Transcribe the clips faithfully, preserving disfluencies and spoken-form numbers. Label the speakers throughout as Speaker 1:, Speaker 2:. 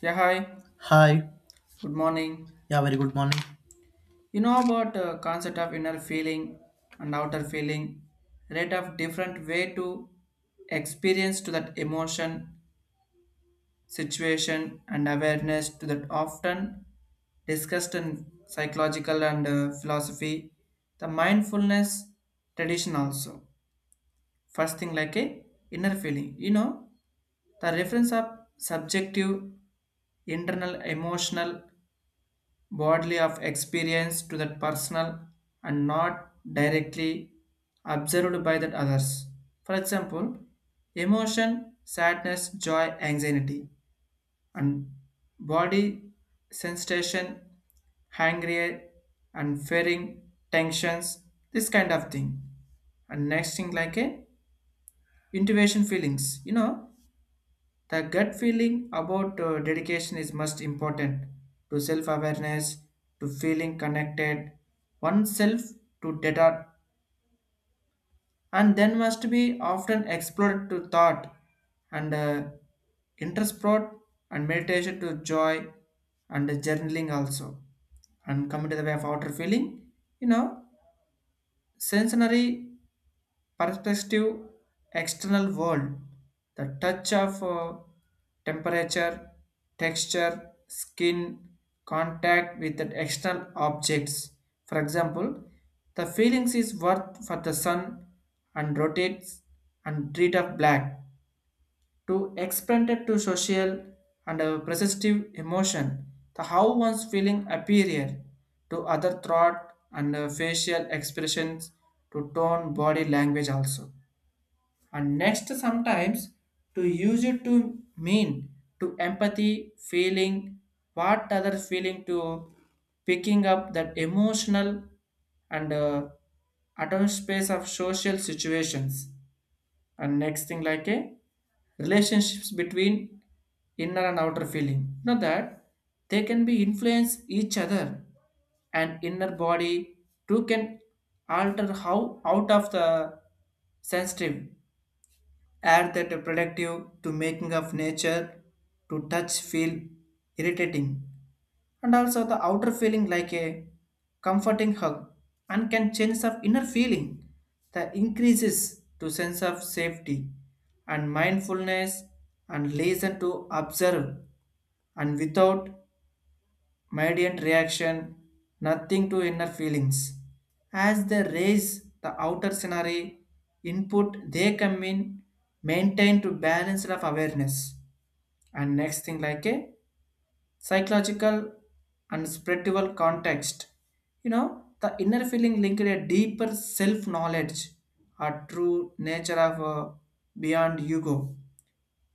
Speaker 1: Yeah, hi.
Speaker 2: Hi.
Speaker 1: Good morning.
Speaker 2: Yeah, very good morning.
Speaker 1: You know about uh, concept of inner feeling and outer feeling, rate of different way to experience to that emotion, situation, and awareness to that often discussed in psychological and uh, philosophy, the mindfulness tradition also. First thing like a inner feeling. You know the reference of subjective, internal, emotional bodily of experience to that personal and not directly observed by that others. For example, emotion, sadness, joy, anxiety, and body sensation, hungry and fearing, tensions, this kind of thing. And next thing like a intuition feelings, you know, the gut feeling about uh, dedication is most important to self awareness, to feeling connected oneself to data, and then must be often explored to thought and uh, intersport and meditation to joy and journaling also. And coming to the way of outer feeling, you know, sensory perspective external world, the touch of uh, temperature texture skin contact with the external objects. For example, the feelings is worth for the sun and rotates and read of black to expand it to social and a perceptive emotion, the how one's feeling appear to other thought and uh, facial expressions to tone body language also. And next sometimes to use it to mean to empathy feeling what other feeling to picking up that emotional and uh, atom space of social situations. And next thing like a relationships between inner and outer feeling, know that they can be influence each other. And inner body too can alter how out of the sensitive, add that productive to making of nature to touch feel irritating. And also the outer feeling like a comforting hug and can change of inner feeling that increases to sense of safety and mindfulness and listen to observe and without mediant reaction, nothing to inner feelings. As they raise the outer scenario input, they come in maintain to balance of awareness. And next thing like a psychological and spiritual context. You know, the inner feeling linked a deeper self-knowledge, a true nature of uh, beyond ego.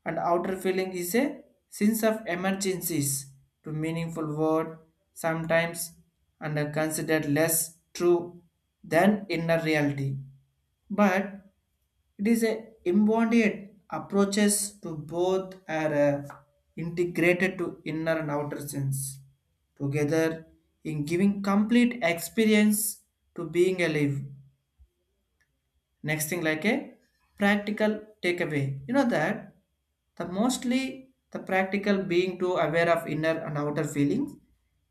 Speaker 1: And outer feeling is a sense of emergencies to meaningful word sometimes, and are considered less true than inner reality, but it is a embodied approaches to both are uh, integrated to inner and outer sense together in giving complete experience to being alive. Next thing like a practical takeaway. You know that the mostly the practical being to aware of inner and outer feelings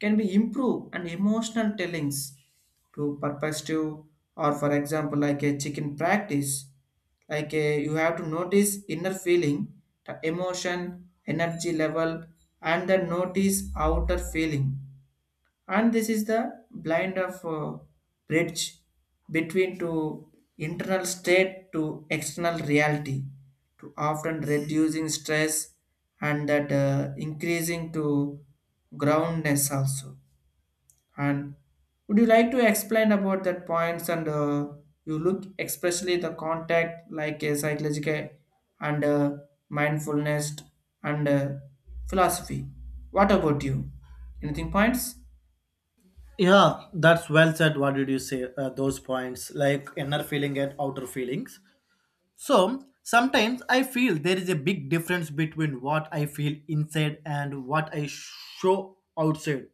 Speaker 1: can be improved and emotional tellings to perspective. Or for example like a chicken practice, like a, you have to notice inner feeling, the emotion energy level, and then notice outer feeling. And this is the blind of uh, bridge between to internal state to external reality to often reducing stress and that uh, increasing to groundness also. And would you like to explain about that points and uh, you look especially the contact like a psychological and uh, mindfulness and uh, philosophy, what about you, anything points?
Speaker 2: Yeah, that's well said. What did you say? Uh, those points, like inner feeling and outer feelings. So sometimes I feel there is a big difference between what I feel inside and what I show outside.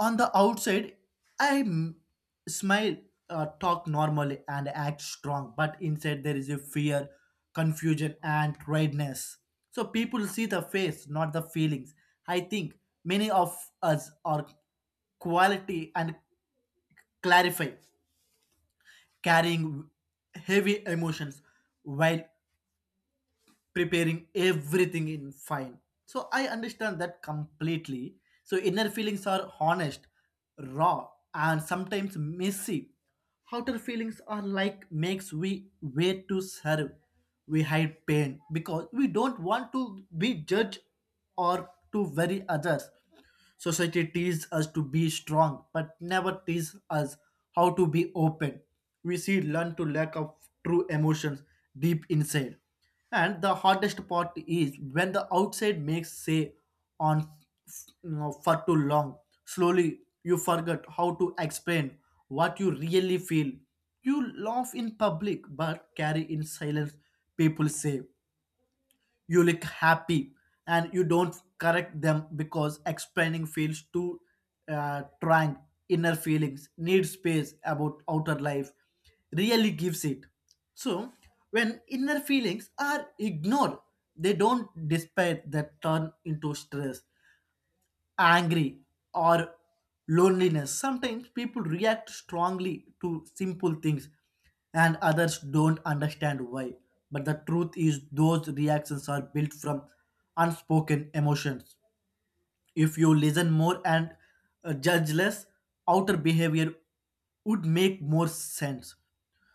Speaker 2: On the outside, I m- smile, uh, talk normally, and act strong, but inside there is a fear, confusion, and tiredness. So people see the face, not the feelings. I think many of us are quality and clarify, carrying heavy emotions while preparing everything in fine. So I understand that completely. So inner feelings are honest, raw, and sometimes messy. Outer feelings are like makes we wait to serve. We hide pain because we don't want to be judged or to worry others. Society teaches us to be strong, but never teaches us how to be open. We see learn to lack of true emotions deep inside. And the hardest part is when the outside makes say on, you know, for too long. Slowly, you forget how to explain what you really feel. You laugh in public but carry in silence. People say you look happy, and you don't correct them because explaining feels too, uh, trying. Inner feelings need space about outer life really gives it. So when inner feelings are ignored, they don't despair that turn into stress, angry, or loneliness. Sometimes people react strongly to simple things, and others don't understand why. But the truth is, those reactions are built from unspoken emotions. If you listen more and uh, judge less, outer behavior would make more sense.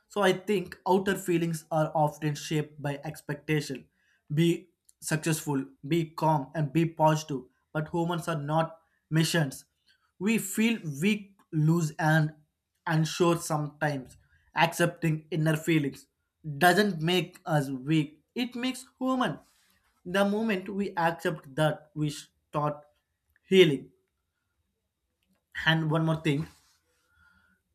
Speaker 2: So I think outer feelings are often shaped by expectation. Be successful, be calm, and be positive. But humans are not machines. We feel weak, loose, and unsure sometimes. Accepting inner feelings doesn't make us weak. It makes human. The moment we accept that, we start healing. And one more thing.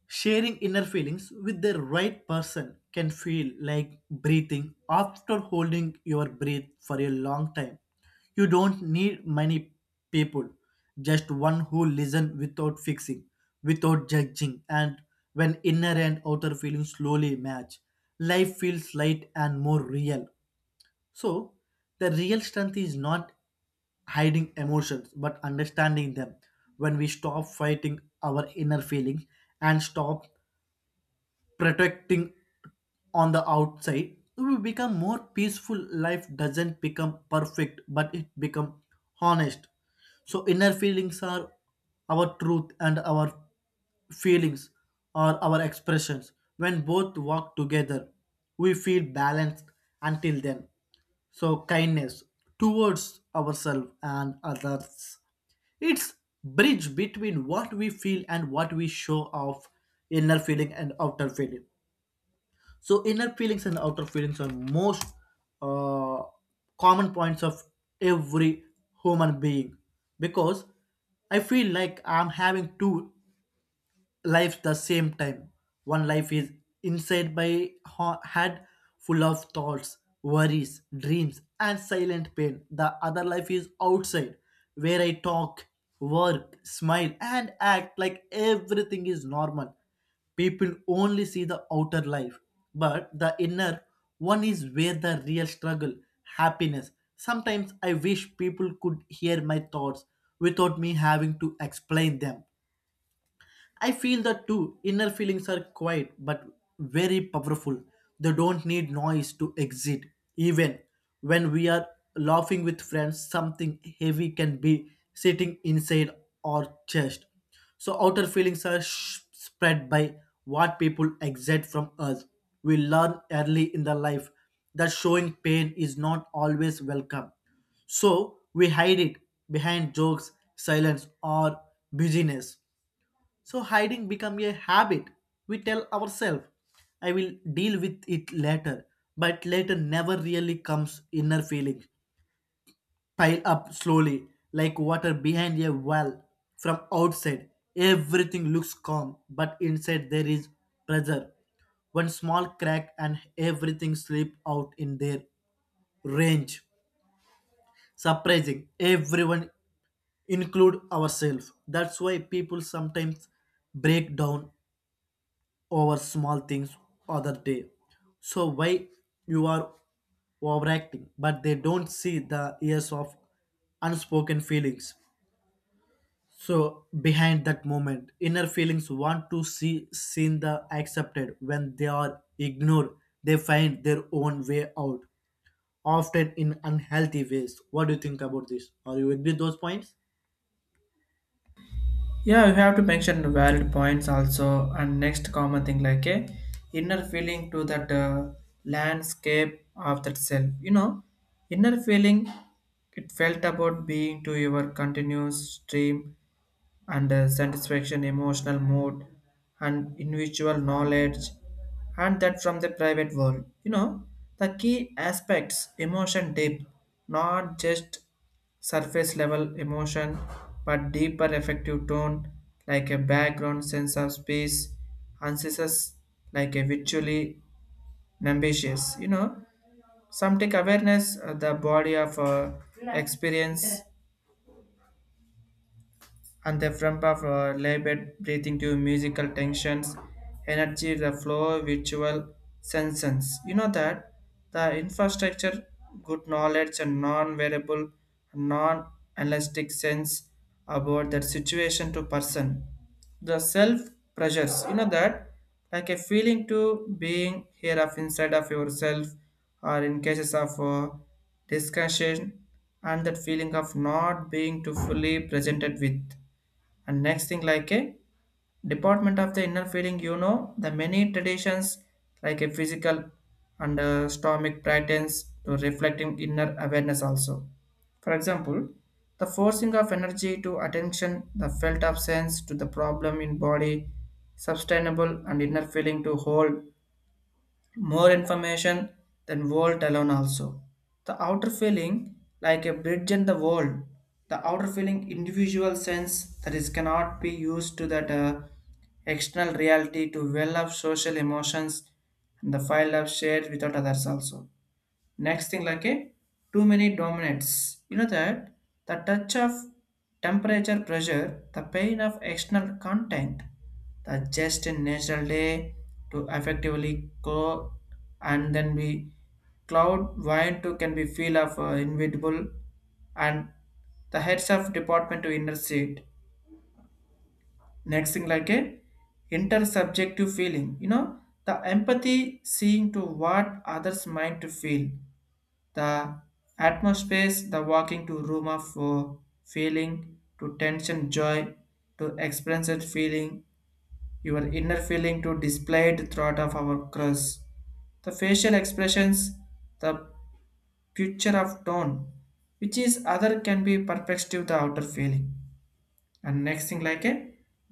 Speaker 2: Sharing inner feelings with the right person can feel like breathing after holding your breath for a long time. You don't need many people, just one who listen without fixing, without judging. And when inner and outer feelings slowly match, life feels light and more real. So, the real strength is not hiding emotions but understanding them. When we stop fighting our inner feelings and stop protecting on the outside, we become more peaceful. Life doesn't become perfect, but it become honest. So inner feelings are our truth, and our feelings are our expressions. When both walk together, we feel balanced. Until then, so kindness towards ourselves and others, it's bridge between what we feel and what we show of inner feeling and outer feeling. So inner feelings and outer feelings are most uh, common points of every human being, because I feel like I'm having two life the same time. One life is inside my ha- head, full of thoughts, worries, dreams, and silent pain. The other life is outside, where I talk, work, smile, and act like everything is normal. People only see the outer life, but the inner one is where the real struggle, happiness. Sometimes I wish people could hear my thoughts without me having to explain them. I feel that too. Inner feelings are quiet but very powerful. They don't need noise to exist. Even when we are laughing with friends, something heavy can be sitting inside our chest. So outer feelings are sh- spread by what people exert from us. We learn early in the life that showing pain is not always welcome. So we hide it behind jokes, silence, or busyness. So hiding become a habit. We tell ourselves, I will deal with it later. But later never really comes. Inner feelings pile up slowly, like water behind a well. From outside, everything looks calm, but inside there is pressure. One small crack and everything slips out in their range. Surprising, everyone include ourselves. That's why people sometimes break down over small things other day. So why you are overacting, but they don't see the years of unspoken feelings. So behind that moment, inner feelings want to see seen the accepted. When they are ignored, they find their own way out, often in unhealthy ways. What do you think about this? Are you agree with those points?
Speaker 1: Yeah, you have to mention the valid points also. And next common thing like a inner feeling to that uh, landscape of that self. You know, inner feeling it felt about being to your continuous stream and uh, satisfaction, emotional mood, and individual knowledge, and that from the private world. You know, the key aspects emotion deep, not just surface level emotion, but deeper effective tone, like a background sense of space, ancestors like a visually ambitious. You know, some take awareness, uh, the body of uh, experience and the front of uh, labored breathing to musical tensions, energy, the flow, visual senses. You know that the infrastructure, good knowledge, and non-variable, non-elastic sense about that situation to person. The self pressures, you know that like a feeling to being here of inside of yourself, or in cases of uh, discussion, and that feeling of not being to fully presented with. And next thing like a department of the inner feeling, you know the many traditions like a physical and uh, stomach patterns to reflecting inner awareness also. For example, the forcing of energy to attention the felt of sense to the problem in body sustainable and inner feeling to hold more information than world alone also. The outer feeling like a bridge in the world. The outer feeling individual sense that is cannot be used to that uh, external reality to well of social emotions and the file of shared without others also. Next thing like a too many dominants. You know that the touch of temperature pressure, the pain of external content, the just in natural day to effectively go and then be cloud wine to can be feel of uh, inevitable and the heads of department to inner seat. Next thing like a intersubjective feeling. You know the empathy seeing to what others mind to feel the atmosphere, the walking to room of uh, feeling to tension, joy to experience it feeling, your inner feeling to displayed throughout of our cross. The facial expressions, the picture of tone, which is other can be perspective the outer feeling. And next thing like a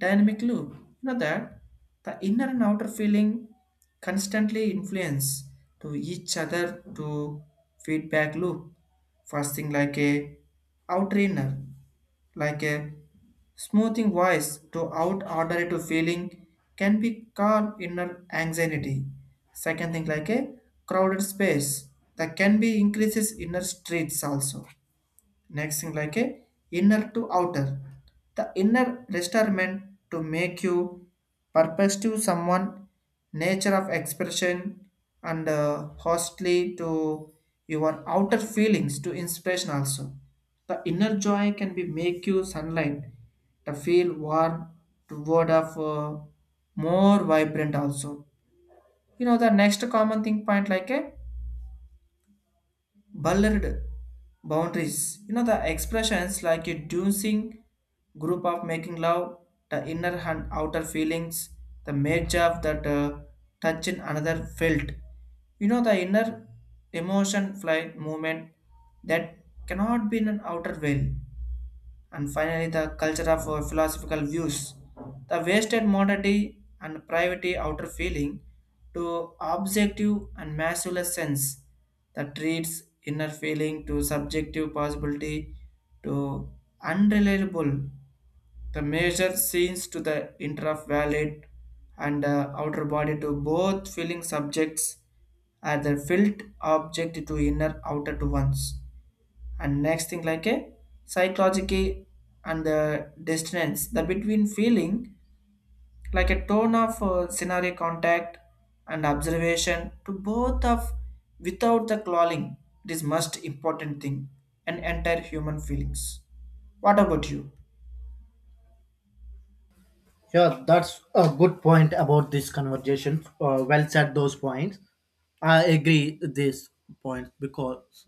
Speaker 1: dynamic loop, you know that the inner and outer feeling constantly influence to each other to feedback loop. First thing like a outer inner, like a smoothing voice to out order to feeling can be called inner anxiety. Second thing like a crowded space that can be increases inner streets also. Next thing like a inner to outer, the inner retirement to make you purpose to someone nature of expression and uh, hostly to your outer feelings to inspiration also. The inner joy can be make you sunlight to feel warm toward of uh, more vibrant also. You know the next common thing point like a blurred boundaries. You know the expressions like a dancing group of making love, the inner and outer feelings, the merge of that uh, touch in another felt. You know the inner emotion flight movement that cannot be in an outer veil. And finally the culture of our philosophical views. The wasted modernity and privity outer feeling to objective and masculine sense that treats inner feeling to subjective possibility to unreliable. The measure seems to the inter of valid and uh, outer body to both feeling subjects are the felt object to inner outer to ones. And next thing like a psychologically and the distance the between feeling like a tone of uh, scenario contact and observation to both of without the clawing. It is most important thing and entire human feelings. What about you?
Speaker 2: Yeah, that's a good point about this conversation. Uh, well said those points. I agree this point, because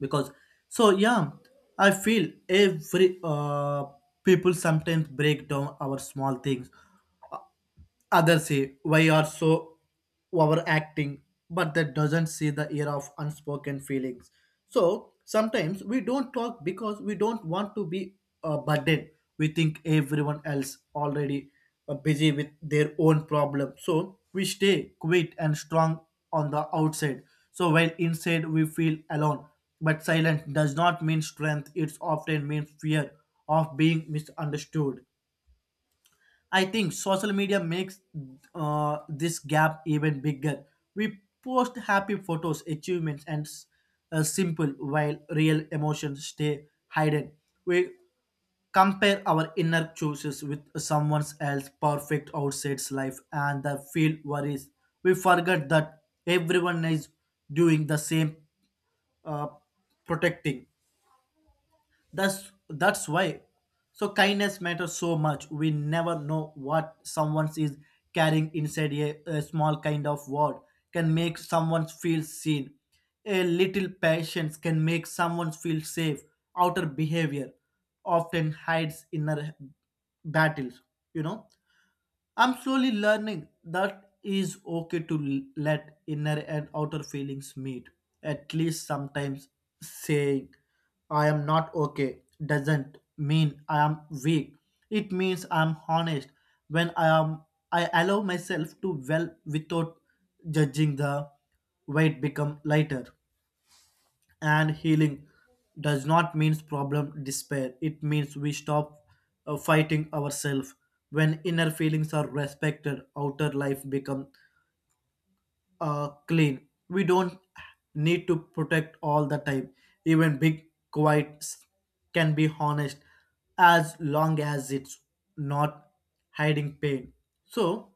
Speaker 2: because so yeah, I feel every uh people sometimes break down our small things. Others say why are so overacting, but that doesn't see the air of unspoken feelings. So sometimes we don't talk because we don't want to be a burden. We think everyone else already uh, busy with their own problem. So we stay quiet and strong on the outside. So while inside we feel alone. But silence does not mean strength, it often means fear of being misunderstood. I think social media makes uh, this gap even bigger. We post happy photos, achievements, and s- uh, simple, while real emotions stay hidden. We compare our inner choices with someone else's perfect outside's life and the feel worries. We forget that everyone is doing the same, uh, protecting. That's that's why. So kindness matters so much. We never know what someone is carrying inside, a, a small kind of word can make someone feel seen. A little patience can make someone feel safe. Outer behavior often hides inner battles. You know, I'm slowly learning that is okay to l- let inner and outer feelings meet. At least sometimes, saying I am not okay doesn't mean I am weak. It means I am honest. When I am I allow myself to well without judging, the weight become lighter. And healing does not mean problem despair, it means we stop uh, fighting ourselves. When inner feelings are respected, outer life become uh, clean. We don't need to protect all the time. Even big quiets can be honest, as long as it's not hiding pain. So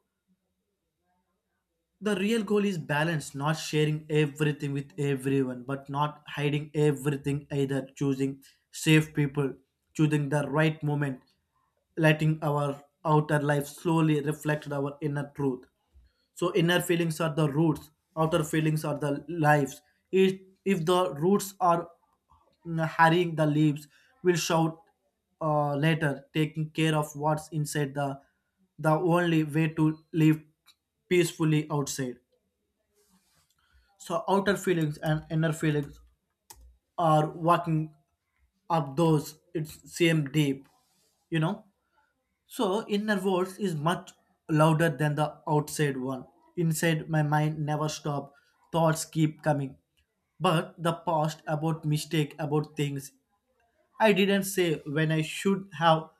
Speaker 2: the real goal is balance, not sharing everything with everyone, but not hiding everything either. Choosing safe people, choosing the right moment, letting our outer life slowly reflect our inner truth. So inner feelings are the roots, outer feelings are the lives. If, if the roots are mm, harrying, the leaves will shout uh, later. Taking care of what's inside, the the only way to live peacefully outside. So outer feelings and inner feelings are walking up those it's same deep, you know. So inner voice is much louder than the outside one. Inside my mind never stop. Thoughts keep coming. But the past about mistake about things I didn't say when I should have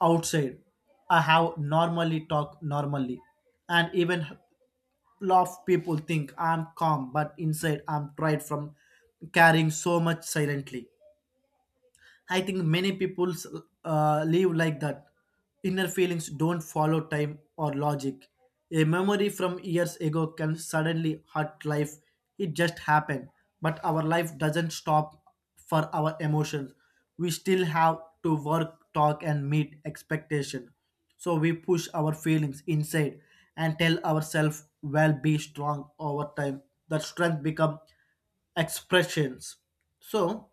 Speaker 2: outside. I have normally talk normally. And even laugh, people think I'm calm, but inside I'm tried from carrying so much silently. I think many people uh, live like that. Inner feelings don't follow time or logic. A memory from years ago can suddenly hurt life. It just happened. But our life doesn't stop for our emotions. We still have to work, talk, and meet expectation. So we push our feelings inside and tell ourselves, well, be strong over time. That strength become expressions. So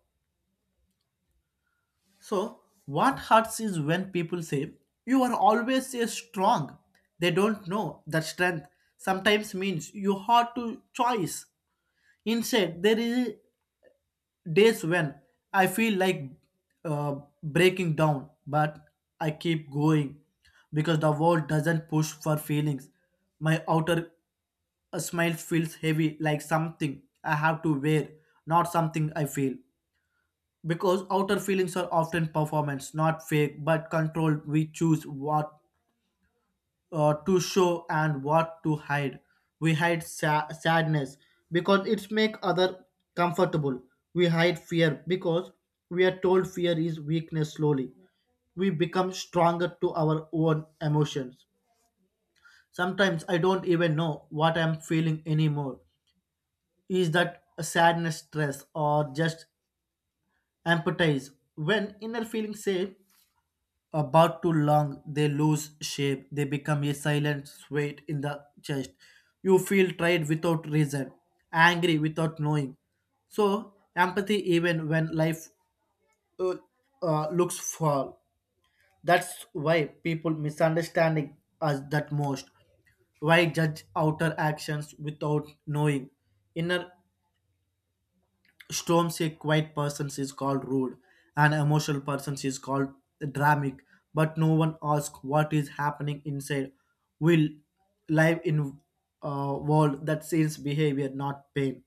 Speaker 2: so, what hurts is when people say, you are always a strong. They don't know that strength sometimes means you have to choice. Instead, there is days when I feel like uh, breaking down, but I keep going because the world doesn't push for feelings. My outer a smile feels heavy, like something I have to wear, not something I feel. Because outer feelings are often performance, not fake but controlled. We choose what uh, to show and what to hide. We hide sa- sadness because it's make other comfortable. We hide fear because we are told fear is weakness. Slowly we become stronger to our own emotions. Sometimes I don't even know what I'm feeling anymore. Is that a sadness stress or just empathize? When inner feelings say about too long, they lose shape. They become a silent weight in the chest. You feel tired without reason, angry without knowing. So empathy, even when life uh, uh, looks full. That's why people misunderstanding us that most. Why judge outer actions without knowing inner storms? A quiet person is called rude, an emotional person is called dramatic, but no one asks what is happening inside. We live in a world that sees behavior, not pain.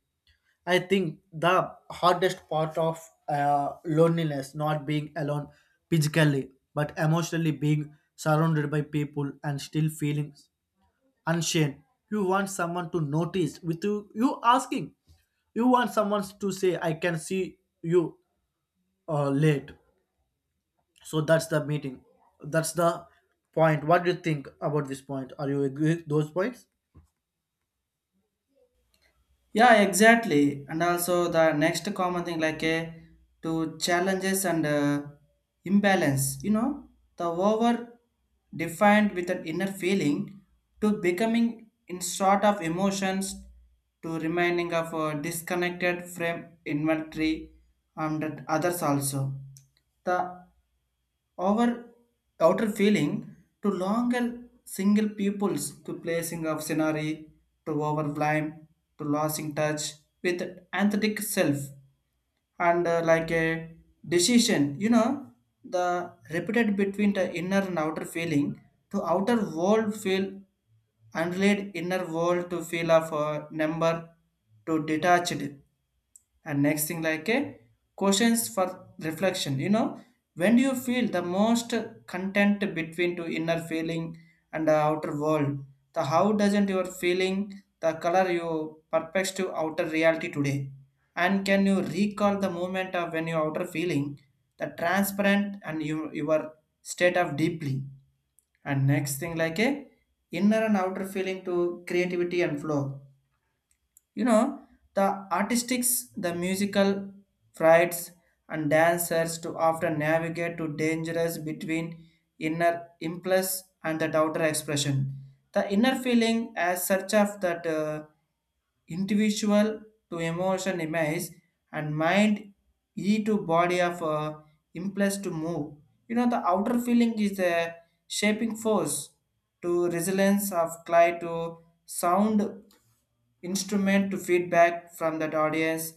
Speaker 2: I think the hardest part of uh, loneliness, not being alone physically, but emotionally being surrounded by people and still feeling unshamed. You want someone to notice with you, you asking. You want someone to say, I can see you uh, late. So that's the meeting. That's the point. What do you think about this point? Are you agree with those points?
Speaker 1: Yeah, exactly. And also the next common thing like a to challenges and uh, imbalance. You know, the over defined with an inner feeling to becoming in sort of emotions to remaining of a disconnected frame inventory and that others also. The our outer feeling to longer single pupils to placing of scenery to overblime to losing touch with authentic self and uh, like a decision, you know the repeated between the inner and outer feeling to outer world feel unrelated inner world to feel of a number to detached. And next thing like a questions for reflection. You know, when do you feel the most content between to inner feeling and the outer world, the how doesn't your feeling the color you perpects to outer reality today, and can you recall the moment of when your outer feeling the transparent and you, your state of deeply? And next thing like a inner and outer feeling to creativity and flow. You know, the artistics, the musical frights and dancers to often navigate to dangerous between inner impulse and that outer expression. The inner feeling as such of that uh, individual to emotion image and mind e to body of uh, impulse to move. You know the outer feeling is the shaping force to resilience of clay to sound instrument to feedback from that audience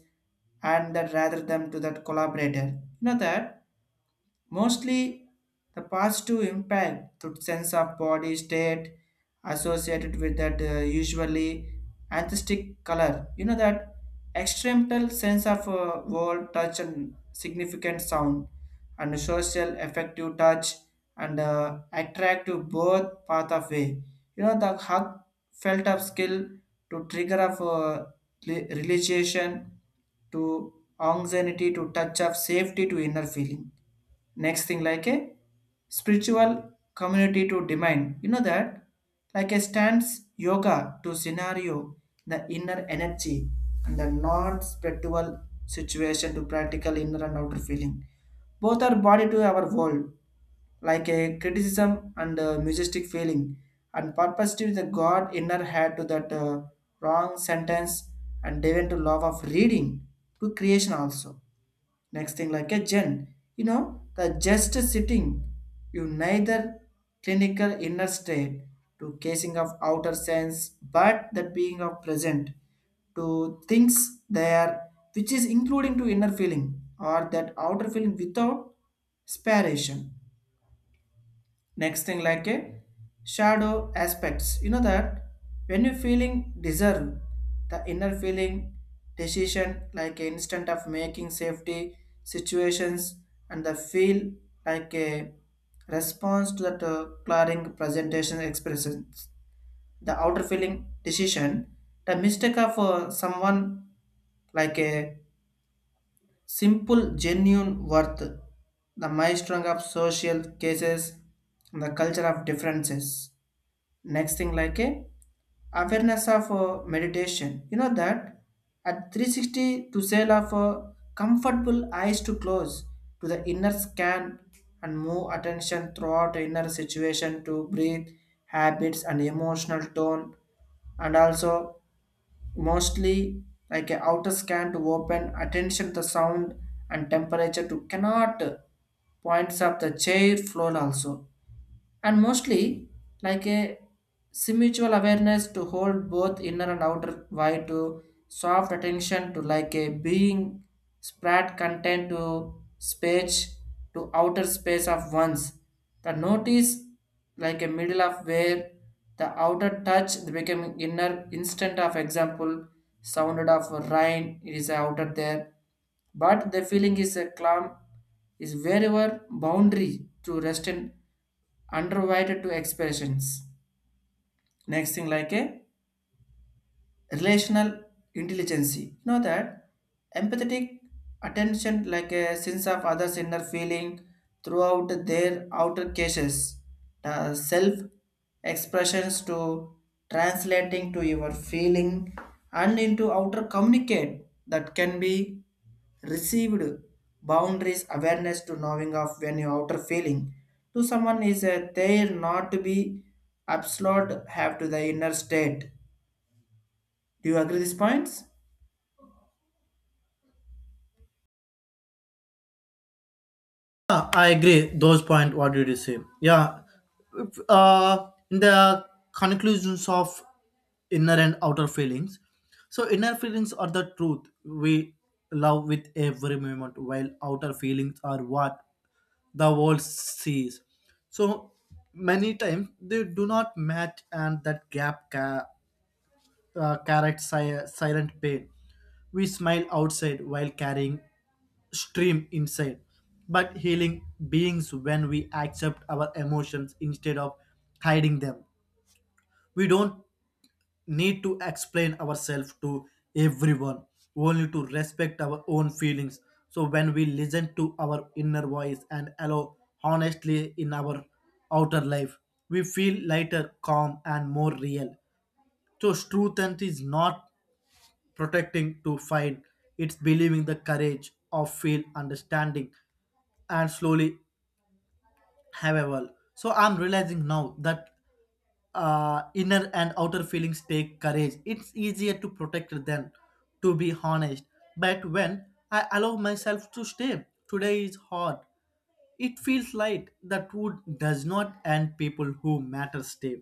Speaker 1: and that rather than to that collaborator. You know that mostly the positive impact through sense of body state associated with that uh, usually antistic color. You know that extremal sense of uh, world touch and significant sound and social effective touch and uh, attractive both path of way. You know the hug felt of skill to trigger of uh, re- realization to anxiety to touch of safety to inner feeling. Next thing like a spiritual community to demand. You know that like a stands yoga to scenario the inner energy and the non-spiritual situation to practical inner and outer feeling, both are body to our world, like a criticism and a majestic feeling and purpose to the god inner head to that uh, wrong sentence and even to love of reading to creation also. Next thing, like a gen, you know, the just sitting, you neither clinical inner state to casing of outer sense, but that being of present to things there, which is including to inner feeling or that outer feeling without sparation. Next thing like a shadow aspects. You know that when you feeling deserve the inner feeling decision like a instant of making safety situations and the feel like a response to that uh, clearing presentation expressions. The outer feeling decision, the mistake of uh, someone, like a simple, genuine worth, the maelstrom of social cases, and the culture of differences. Next thing like a awareness of uh, meditation. You know that at three sixty to sail of uh, comfortable eyes to close, to the inner scan and move attention throughout the inner situation to breathe habits and emotional tone. And also mostly like a outer scan to open attention to sound and temperature to cannot uh, points of the chair floor also. And mostly like a simultual awareness to hold both inner and outer wide to soft attention to like a being spread content to space to outer space of ones, the notice like a middle of where the outer touch the becoming inner instant of example sounded of rain it is outer there, but the feeling is a calm, is wherever boundary to rest in unrequited to expressions. Next thing like a relational intelligence. You know that empathetic attention, like a sense of others' inner feeling throughout their outer cases, the self expressions to translating to your feeling and into outer communicate that can be received boundaries awareness to knowing of when your outer feeling to someone is a there not to be absolute have to the inner state. Do you agree these points?
Speaker 2: Yeah, I agree. Those point. What did you say? Yeah. If, Uh, in the conclusions of inner and outer feelings. So inner feelings are the truth we love with every moment, while outer feelings are what the world sees. So many times they do not match, and that gap ca- uh, carries si- silent pain. We smile outside while carrying stream inside. But healing beings when we accept our emotions instead of hiding them. We don't need to explain ourselves to everyone, only to respect our own feelings. So when we listen to our inner voice and allow honestly in our outer life, we feel lighter, calm, and more real. So truth and is not protecting to find, it's believing the courage of feel understanding. And slowly however so I'm realizing now that uh, inner and outer feelings take courage. It's easier to protect than to be honest. But when I allow myself to stay today is hard, it feels light that wood does not, and people who matter stay.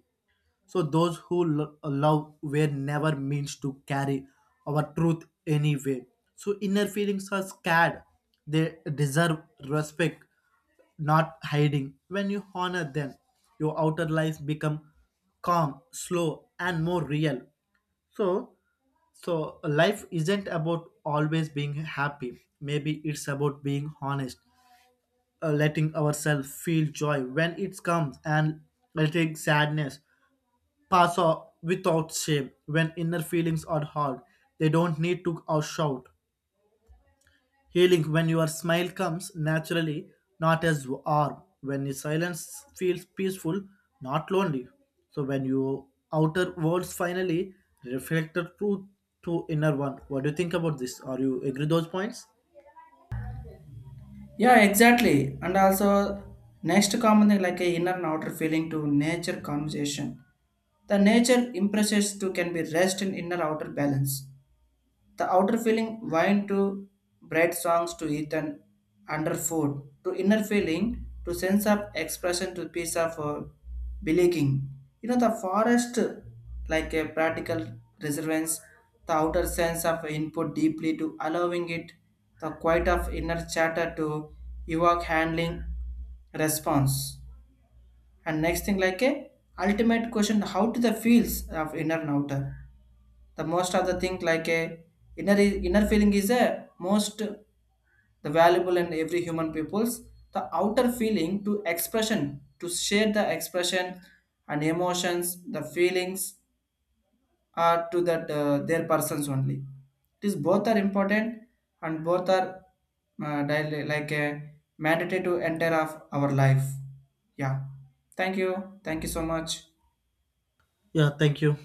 Speaker 2: So those who lo- uh, love were never means to carry our truth anyway. So inner feelings are scared. They deserve respect, not hiding. When you honor them, your outer life become calm, slow, and more real. So so life isn't about always being happy. Maybe it's about being honest, uh, letting ourselves feel joy when it comes, and letting sadness pass o- without shame. When inner feelings are hard, they don't need to or shout. Healing when your smile comes naturally, not as arm. When your silence feels peaceful, not lonely. So when your outer worlds finally reflect the truth to inner one. What do you think about this? Are you agree those points?
Speaker 1: Yeah, exactly. And also, next common thing like a inner and outer feeling to nature conversation. The nature impresses to can be rest in inner outer balance. The outer feeling wine to bright songs to eat and under food, to inner feeling to sense of expression to piece of uh, believing. You know the forest like a practical reservance, the outer sense of input deeply to allowing it, the quiet of inner chatter to evoke handling response. And next thing like a ultimate question how to the fields of inner and outer, the most of the thing like a inner inner feeling is a most the valuable and every human people's, the outer feeling to expression to share the expression and emotions the feelings are to that uh, their persons only. It is both are important and both are uh, daily- like a mandatory to enter of our life. Yeah, thank you. Thank you so much.
Speaker 2: Yeah, thank you.